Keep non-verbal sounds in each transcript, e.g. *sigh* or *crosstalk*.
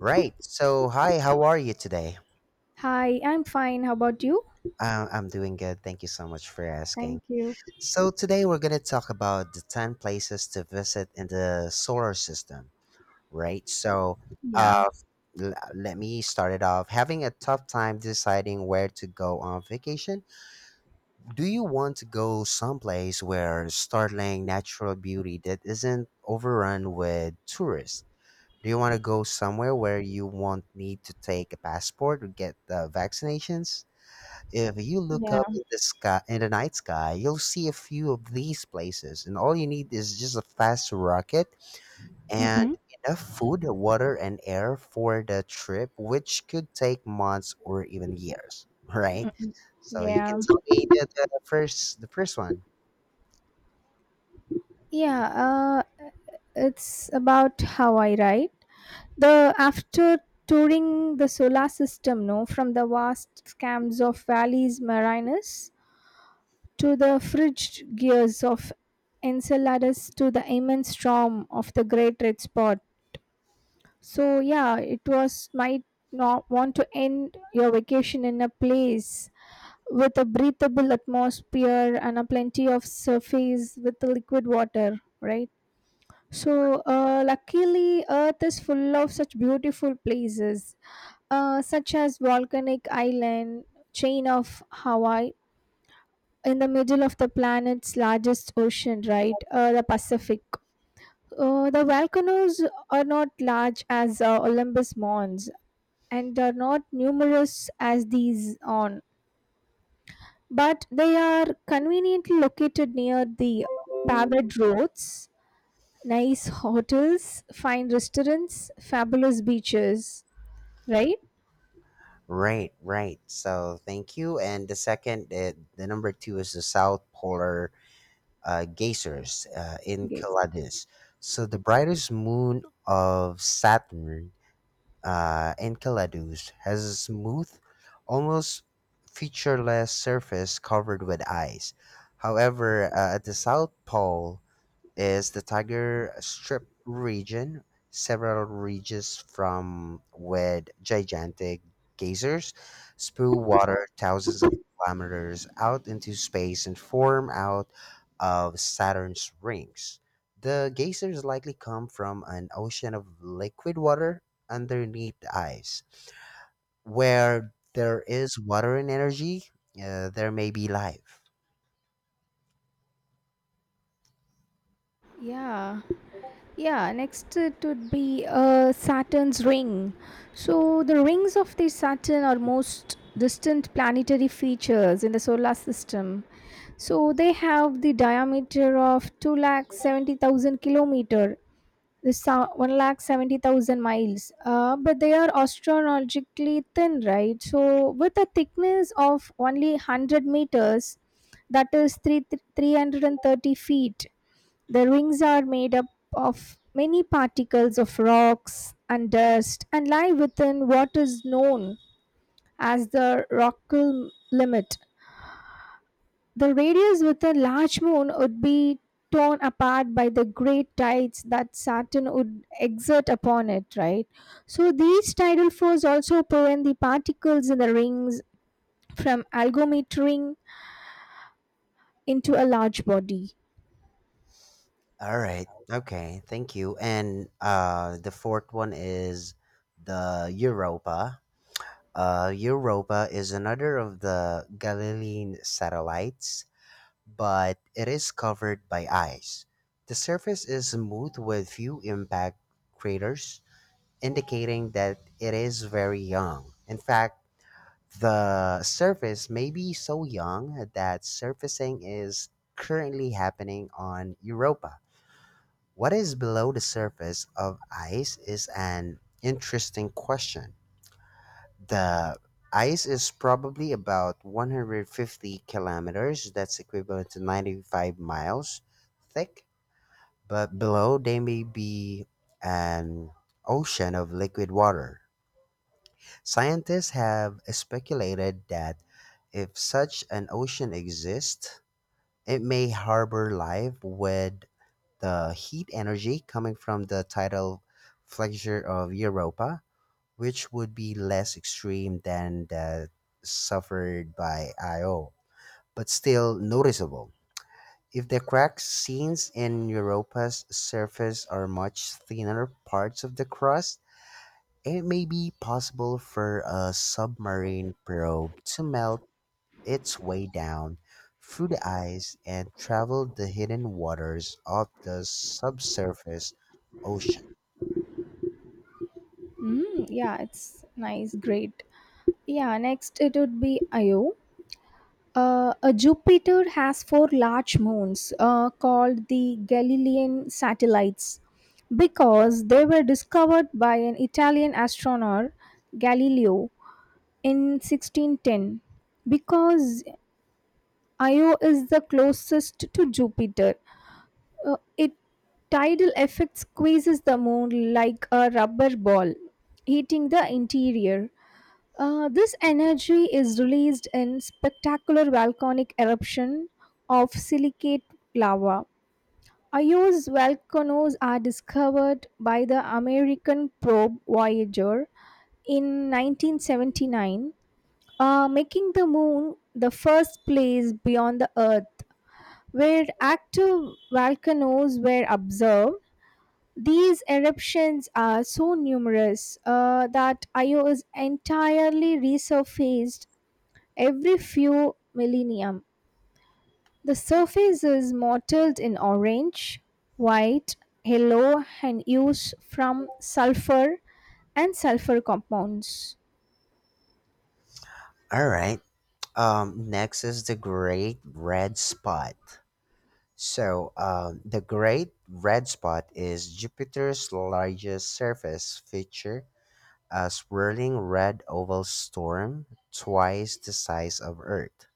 Right. So, hi, how are you today? Hi, I'm fine. How about you? I'm doing good. Thank you so much for asking. Thank you. So, today we're going to talk about the 10 places to visit in the solar system, right? Yeah. uh, Let me start it off. Having a tough time deciding where to go on vacation? Do you want to go someplace where startling natural beauty that isn't overrun with tourists? Do you want to go somewhere where you won't need to take a passport or get the vaccinations? If you look Yeah. up in the sky in the night sky, you'll see a few of these places, and all you need is just a fast rocket and Mm-mm. enough food, water, and air for the trip, which could take months or even years. *laughs* Right? Mm-mm. So you can Yeah. tell me the first one. Yeah, uh, it's about how I write. The after touring the solar system, no, from the vast scams of valleys Marinus to the frigid gears of Enceladus to the immense storm of the Great Red Spot. So yeah, it was might not want to end your vacation in a place with a breathable atmosphere and a plenty of surface with the liquid water, right? So luckily earth is full of such beautiful places, such as volcanic island chain of hawaii in the middle of the planet's largest ocean, right? The pacific. The volcanoes are not large as olympus mons and are not numerous as these on, but they are conveniently located near the paved roads, nice hotels, fine restaurants, fabulous beaches, right? Right, right. So thank you. And the second, the number two is the South Polar geysers in Yes. Calades. So the brightest moon of Saturn, Enceladus, has a smooth, almost featureless surface covered with ice. However, at the South Pole, is the Tiger Strip region, several ridges from with gigantic geysers spew water thousands of kilometers out into space and form out of Saturn's rings. The geysers likely come from an ocean of liquid water underneath the ice. Where there is water and energy, there may be life. Yeah, yeah. Next, it would be Saturn's ring. So, the rings of the Saturn are most distant planetary features in the solar system. So, they have the diameter of two lakh seventy thousand kilometer. One lakh seventy thousand miles. But they are astronomically thin, right? So with a thickness of only 100 meters, that is three hundred and thirty feet. The rings are made up of many particles of rocks and dust and lie within what is known as the rockal limit. The radius with a large moon would be torn apart by the great tides that Saturn would exert upon it, right? So these tidal forces also prevent the particles in the rings from algometering into a large body. All right. Okay. Thank you. And the fourth one is the Europa. Europa is another of the Galilean satellites, but it is covered by ice. The surface is smooth with few impact craters, indicating that it is very young. In fact, the surface may be so young that surfacing is currently happening on Europa. What is below the surface of ice is an interesting question. The ice is probably about 150 kilometers, that's equivalent to 95 miles thick, but below there may be an ocean of liquid water. Scientists have speculated that if such an ocean exists, it may harbor life with the heat energy coming from the tidal flexure of Europa, which would be less extreme than that suffered by Io, but still noticeable. If the cracks seen in Europa's surface are much thinner parts of the crust, it may be possible for a submarine probe to melt its way down through the ice and traveled the hidden waters of the subsurface ocean. Mm, yeah, it's nice, great. Yeah, next it would be Io. Jupiter has four large moons called the Galilean satellites because they were discovered by an Italian astronomer Galileo in 1610. Because Io is the closest to Jupiter, its tidal effect squeezes the moon like a rubber ball, heating the interior. This energy is released in spectacular volcanic eruption of silicate lava. Io's volcanoes are discovered by the American probe Voyager in 1979, making the moon the first place beyond the Earth where active volcanoes were observed. These eruptions are so numerous that Io is entirely resurfaced every few millennium. The surface is mottled in orange, white, yellow, and used from sulfur and sulfur compounds. All right. Next is the Great Red Spot. The Great Red Spot is Jupiter's largest surface feature, a swirling red oval storm twice the size of Earth.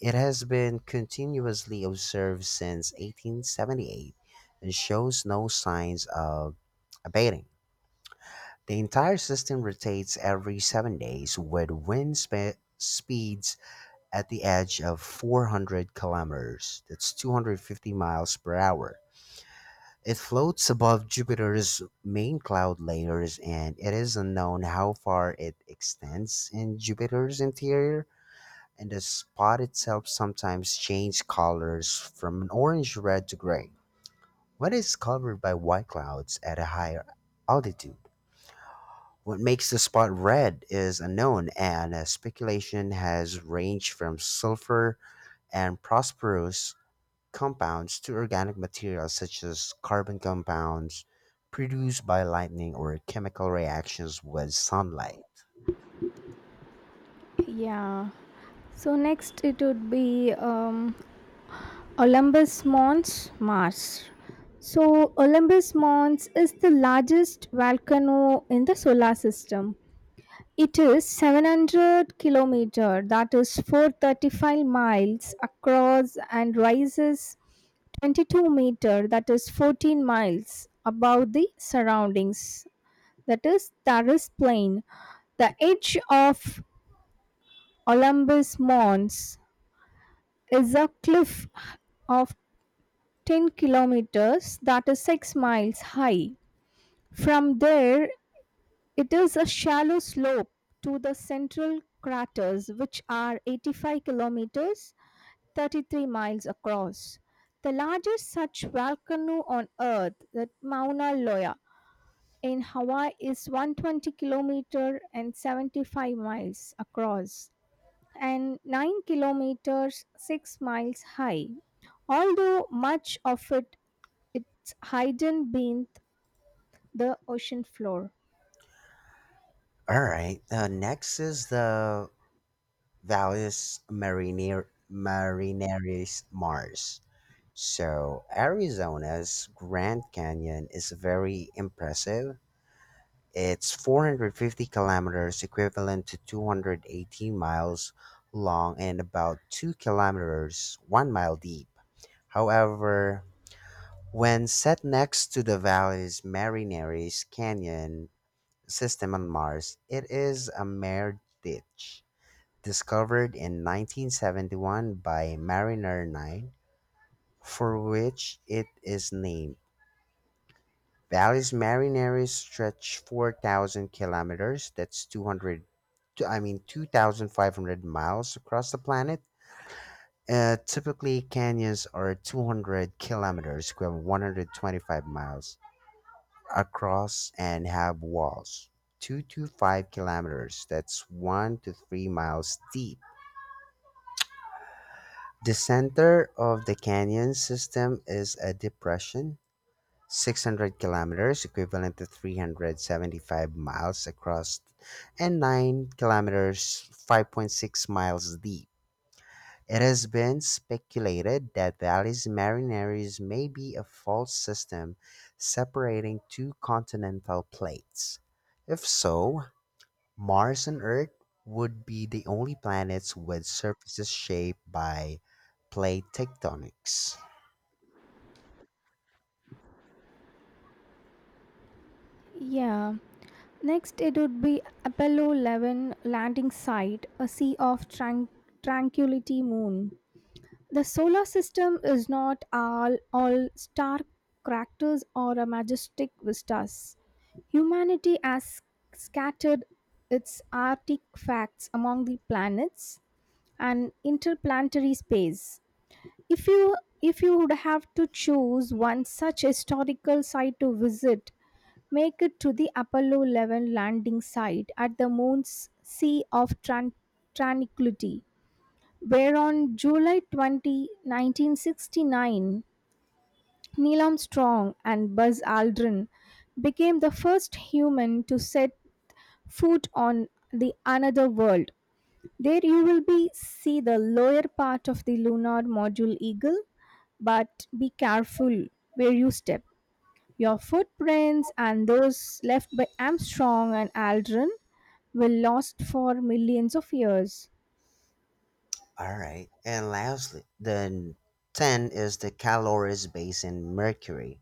It has been continuously observed since 1878 and shows no signs of abating. The entire system rotates every 7 days with speeds at the edge of 400 kilometers. That's 250 miles per hour. It floats above Jupiter's main cloud layers, and it is unknown how far it extends in Jupiter's interior, and the spot itself sometimes changes colors from an orange red to gray when it's covered by white clouds at a higher altitude. What makes the spot red is unknown, and speculation has ranged from sulfur and phosphorus compounds to organic materials such as carbon compounds produced by lightning or chemical reactions with sunlight. Yeah. So next it would be Olympus Mons, Mars. So, Olympus Mons is the largest volcano in the solar system. It is 700 kilometer, that is 435 miles across, and rises 22 meter, that is 14 miles above the surroundings, that is Taris plain. The edge of Olympus Mons is a cliff of 10 kilometers, that is 6 miles high. From there it is a shallow slope to the central craters, which are 85 kilometers (33 miles) across. The largest such volcano on Earth, the Mauna Loa in Hawaii, is 120 kilometers and 75 miles across and 9 kilometers 6 miles high, although much of it it's hidden beneath the ocean floor. All right. Next is the Marineris Mars. So Arizona's Grand Canyon is very impressive. It's 450 kilometers, equivalent to 218 miles long, and about 2 kilometers, 1 mile deep. However, when set next to the valley's Marineris Canyon system on Mars, it is a mere ditch. Discovered in 1971 by Mariner 9, for which it is named. Valles Marineris stretch 4,000 kilometers. That's 2,500 miles across the planet. Typically, canyons are 200 kilometers, equivalent 125 miles across, and have walls 2 to 5 kilometers. That's 1 to 3 miles deep. The center of the canyon system is a depression 600 kilometers, equivalent to 375 miles across, and 9 kilometers, 5.6 miles deep. It has been speculated that Valles Marineris may be a fault system separating two continental plates. If so, Mars and Earth would be the only planets with surfaces shaped by plate tectonics. Yeah. Next, it would be Apollo 11 landing site, a sea of tranquility moon. The solar system is not all star craters or a majestic vistas. Humanity has scattered its artifacts among the planets and interplanetary space. If you if you would have to choose one such historical site to visit, make it to the Apollo 11 landing site at the moon's Sea of Tranquility, where on July 20, 1969, Neil Armstrong and Buzz Aldrin became the first human to set foot on the another world. There you will be see the lower part of the lunar module Eagle, but be careful where you step. Your footprints and those left by Armstrong and Aldrin will last for millions of years. All right. And lastly, the 10 is the calories based in Mercury.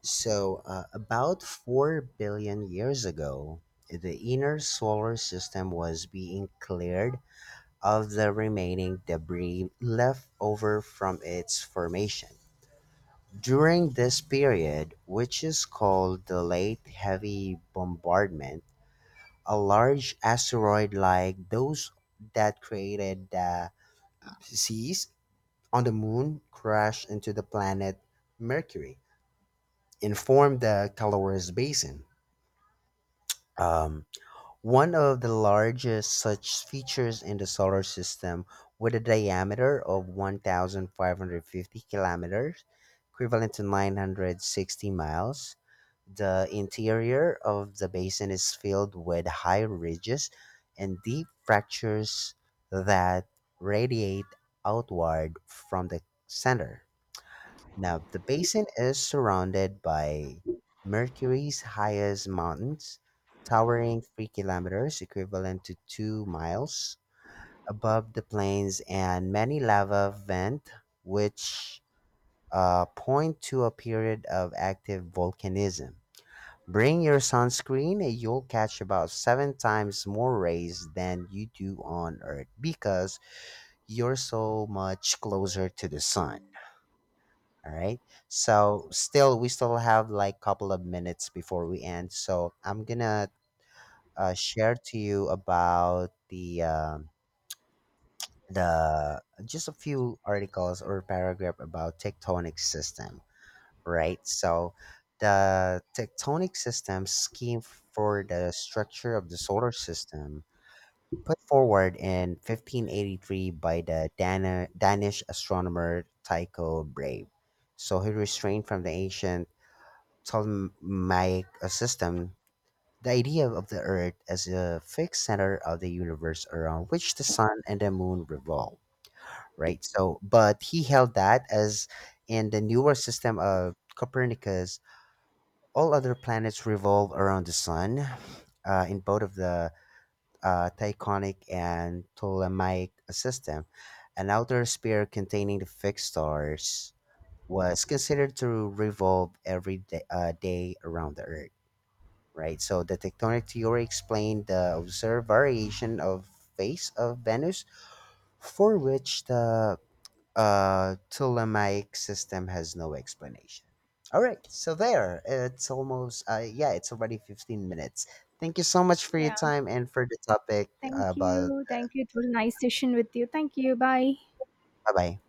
So, about 4 billion years ago, the inner solar system was being cleared of the remaining debris left over from its formation. During this period, which is called the late heavy bombardment, a large asteroid like those that created the seas on the moon crashed into the planet Mercury and formed the Caloris Basin, um, one of the largest such features in the solar system, with a diameter of 1,550 kilometers, equivalent to 960 miles. The interior of the basin is filled with high ridges and deep fractures that radiate outward from the center. Now, the basin is surrounded by Mercury's highest mountains, towering 3 kilometers, equivalent to 2 miles, above the plains, and many lava vents, which point to a period of active volcanism. Bring your sunscreen, and you'll catch about seven times more rays than you do on Earth because you're so much closer to the sun. All right. So still, we still have like couple of minutes before we end. So I'm gonna share to you about the just a few articles or paragraph about tectonic system. Right. So the tectonic system scheme for the structure of the solar system put forward in 1583 by the Danish astronomer Tycho Brahe. So he restrained from the ancient ptolemaic system, the idea of the Earth as a fixed center of the universe around which the sun and the moon revolve, right? So, but he held that as in the newer system of Copernicus, all other planets revolve around the sun in both of the Tychonic and Ptolemaic system. An outer sphere containing the fixed stars was considered to revolve every day around the Earth. Right. So the tectonic theory explained the observed variation of phase of Venus, for which the Ptolemaic system has no explanation. All right. So there, it's almost it's already 15 minutes. Thank you so much for your Yeah, time and for the topic thank about. you. Thank you. It was a nice session with you. Thank you. Bye. Bye bye.